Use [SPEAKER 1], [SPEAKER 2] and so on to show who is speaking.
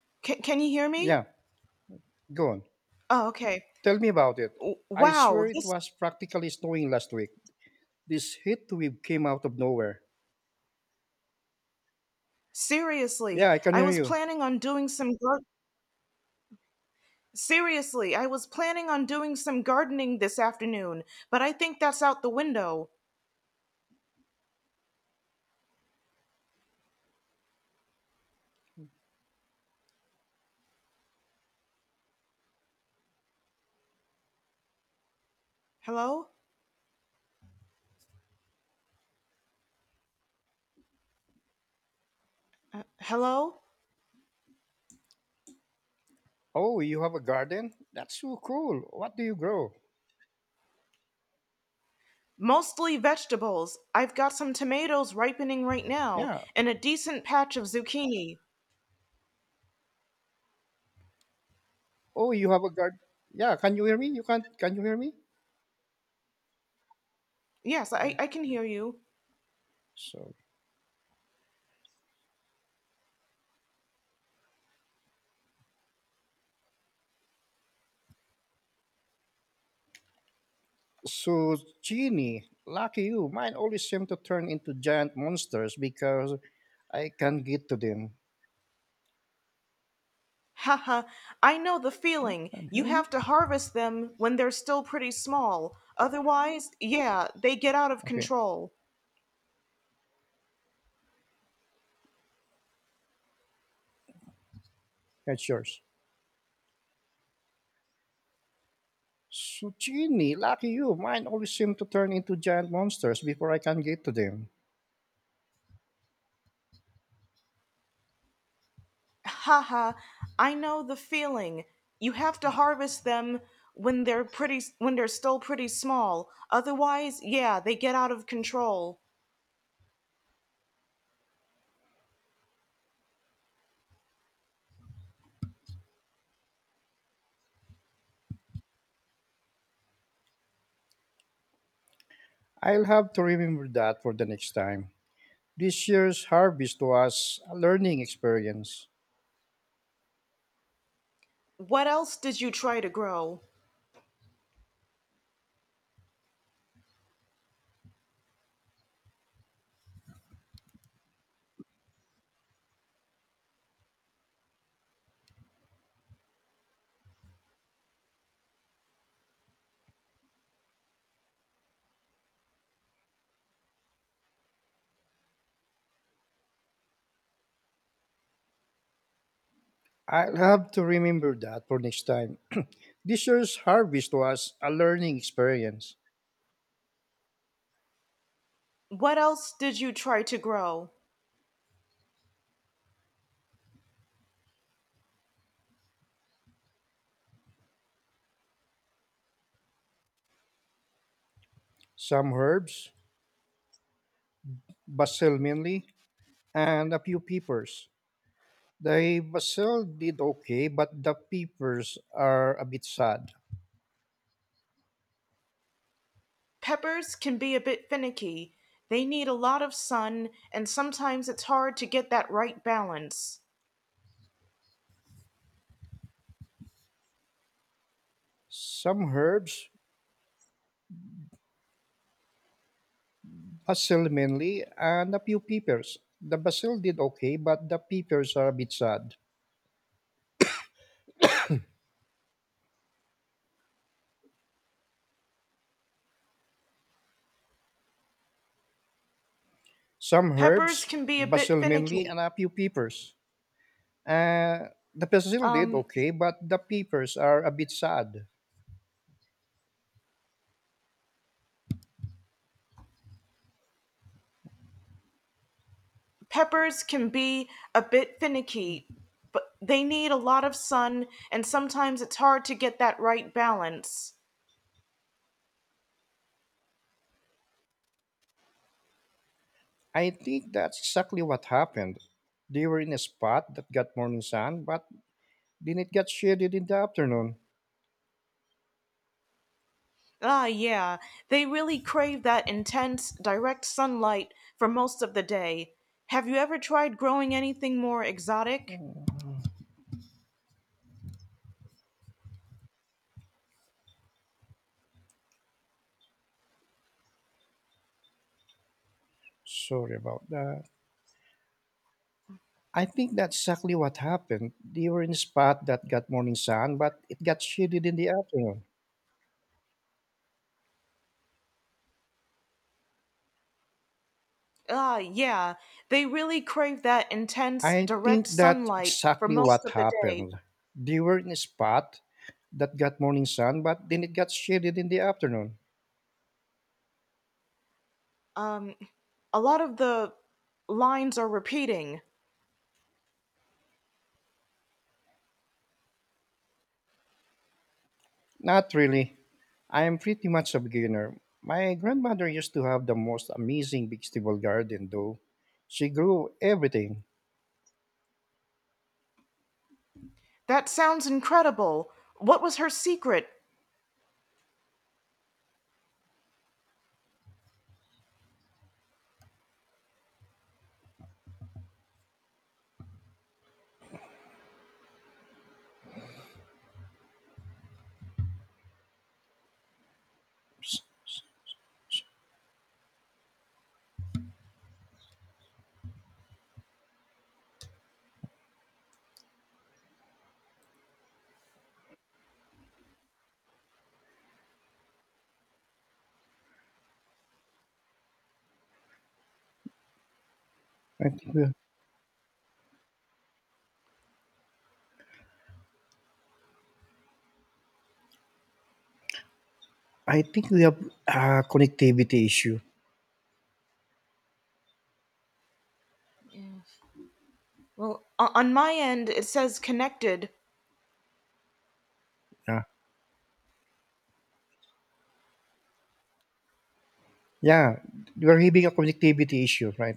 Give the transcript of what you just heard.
[SPEAKER 1] Can you hear me?
[SPEAKER 2] Yeah, go on.
[SPEAKER 1] Oh, okay.
[SPEAKER 2] Tell me about it.
[SPEAKER 1] W-
[SPEAKER 2] I
[SPEAKER 1] Wow,
[SPEAKER 2] swear it
[SPEAKER 1] this
[SPEAKER 2] was practically snowing last week. This heat wave came out of nowhere.
[SPEAKER 1] seriously.
[SPEAKER 2] Yeah, I can
[SPEAKER 1] I
[SPEAKER 2] hear
[SPEAKER 1] was
[SPEAKER 2] you.
[SPEAKER 1] planning on doing some gar- Seriously, I was planning on doing some gardening this afternoon, but I think that's out the window. Hello? Hello?
[SPEAKER 2] Oh, you have a garden? That's so cool. What do you grow?
[SPEAKER 1] Mostly vegetables. I've got some tomatoes ripening right now
[SPEAKER 2] Yeah.
[SPEAKER 1] and a decent patch of zucchini.
[SPEAKER 2] Oh, you have a garden. Yeah, can you hear me? You can't. Can you hear me?
[SPEAKER 1] Yes,
[SPEAKER 2] Oh,
[SPEAKER 1] I can hear you.
[SPEAKER 2] sorry. So, Genie, lucky you. Mine always seem to turn into giant monsters because I can't get to them.
[SPEAKER 1] Haha, I know the
[SPEAKER 2] Can
[SPEAKER 1] feeling.
[SPEAKER 2] can you
[SPEAKER 1] You
[SPEAKER 2] hear me?
[SPEAKER 1] have to harvest them when they're still pretty small. Otherwise, yeah, they get out of
[SPEAKER 2] Okay,
[SPEAKER 1] control.
[SPEAKER 2] that's yours. Suchini, lucky you. Mine always seem to turn into giant monsters before I can get to them.
[SPEAKER 1] Haha, I know the feeling. You have to harvest them when they're still pretty small. Otherwise, yeah, they get out of control.
[SPEAKER 2] I'll have to remember that for the next time. This year's harvest was a learning experience.
[SPEAKER 1] What else did you try to grow?
[SPEAKER 2] I'll have to remember that for next time. This year's harvest was a learning experience.
[SPEAKER 1] What else did you try to grow?
[SPEAKER 2] Some herbs, basil mainly, and a few peppers. The basil did okay, but the peppers are a bit sad.
[SPEAKER 1] Peppers can be a bit finicky. They need a lot of sun, and sometimes it's hard to get that right balance.
[SPEAKER 2] Some herbs, basil mainly, and a few peppers. The basil did okay, but the peppers are a bit sad. Some
[SPEAKER 1] Peppers
[SPEAKER 2] herbs,
[SPEAKER 1] can be a bit
[SPEAKER 2] basil mainly,
[SPEAKER 1] finicky.
[SPEAKER 2] and a few peppers. The basil did
[SPEAKER 1] Um,
[SPEAKER 2] okay, but the peppers are a bit sad.
[SPEAKER 1] Peppers can be a bit finicky, but they need a lot of sun, and sometimes it's hard to get that right balance.
[SPEAKER 2] I think that's exactly what happened. They were in a spot that got morning sun, but then it got shaded in the afternoon.
[SPEAKER 1] Ah, yeah, they really crave that intense, direct sunlight for most of the day. Have you ever tried growing anything more exotic?
[SPEAKER 2] Sorry about that. I think that's exactly what happened. They were in a spot that got morning sun, but it got shaded in the afternoon.
[SPEAKER 1] Ah, yeah, they really crave that intense,
[SPEAKER 2] I
[SPEAKER 1] direct
[SPEAKER 2] think that's
[SPEAKER 1] sunlight for
[SPEAKER 2] exactly
[SPEAKER 1] most
[SPEAKER 2] what
[SPEAKER 1] of the day.
[SPEAKER 2] happened. They were in a spot that got morning sun, but then it got shaded in the afternoon.
[SPEAKER 1] Um, a lot of the lines are repeating.
[SPEAKER 2] Not really. I am pretty much a beginner. My grandmother used to have the most amazing vegetable garden, though. She grew everything.
[SPEAKER 1] That sounds incredible. What was her secret?
[SPEAKER 2] I think we, I think we have a connectivity issue.
[SPEAKER 1] Well, on my end, it says connected,
[SPEAKER 2] Yeah, yeah, we're having a connectivity issue right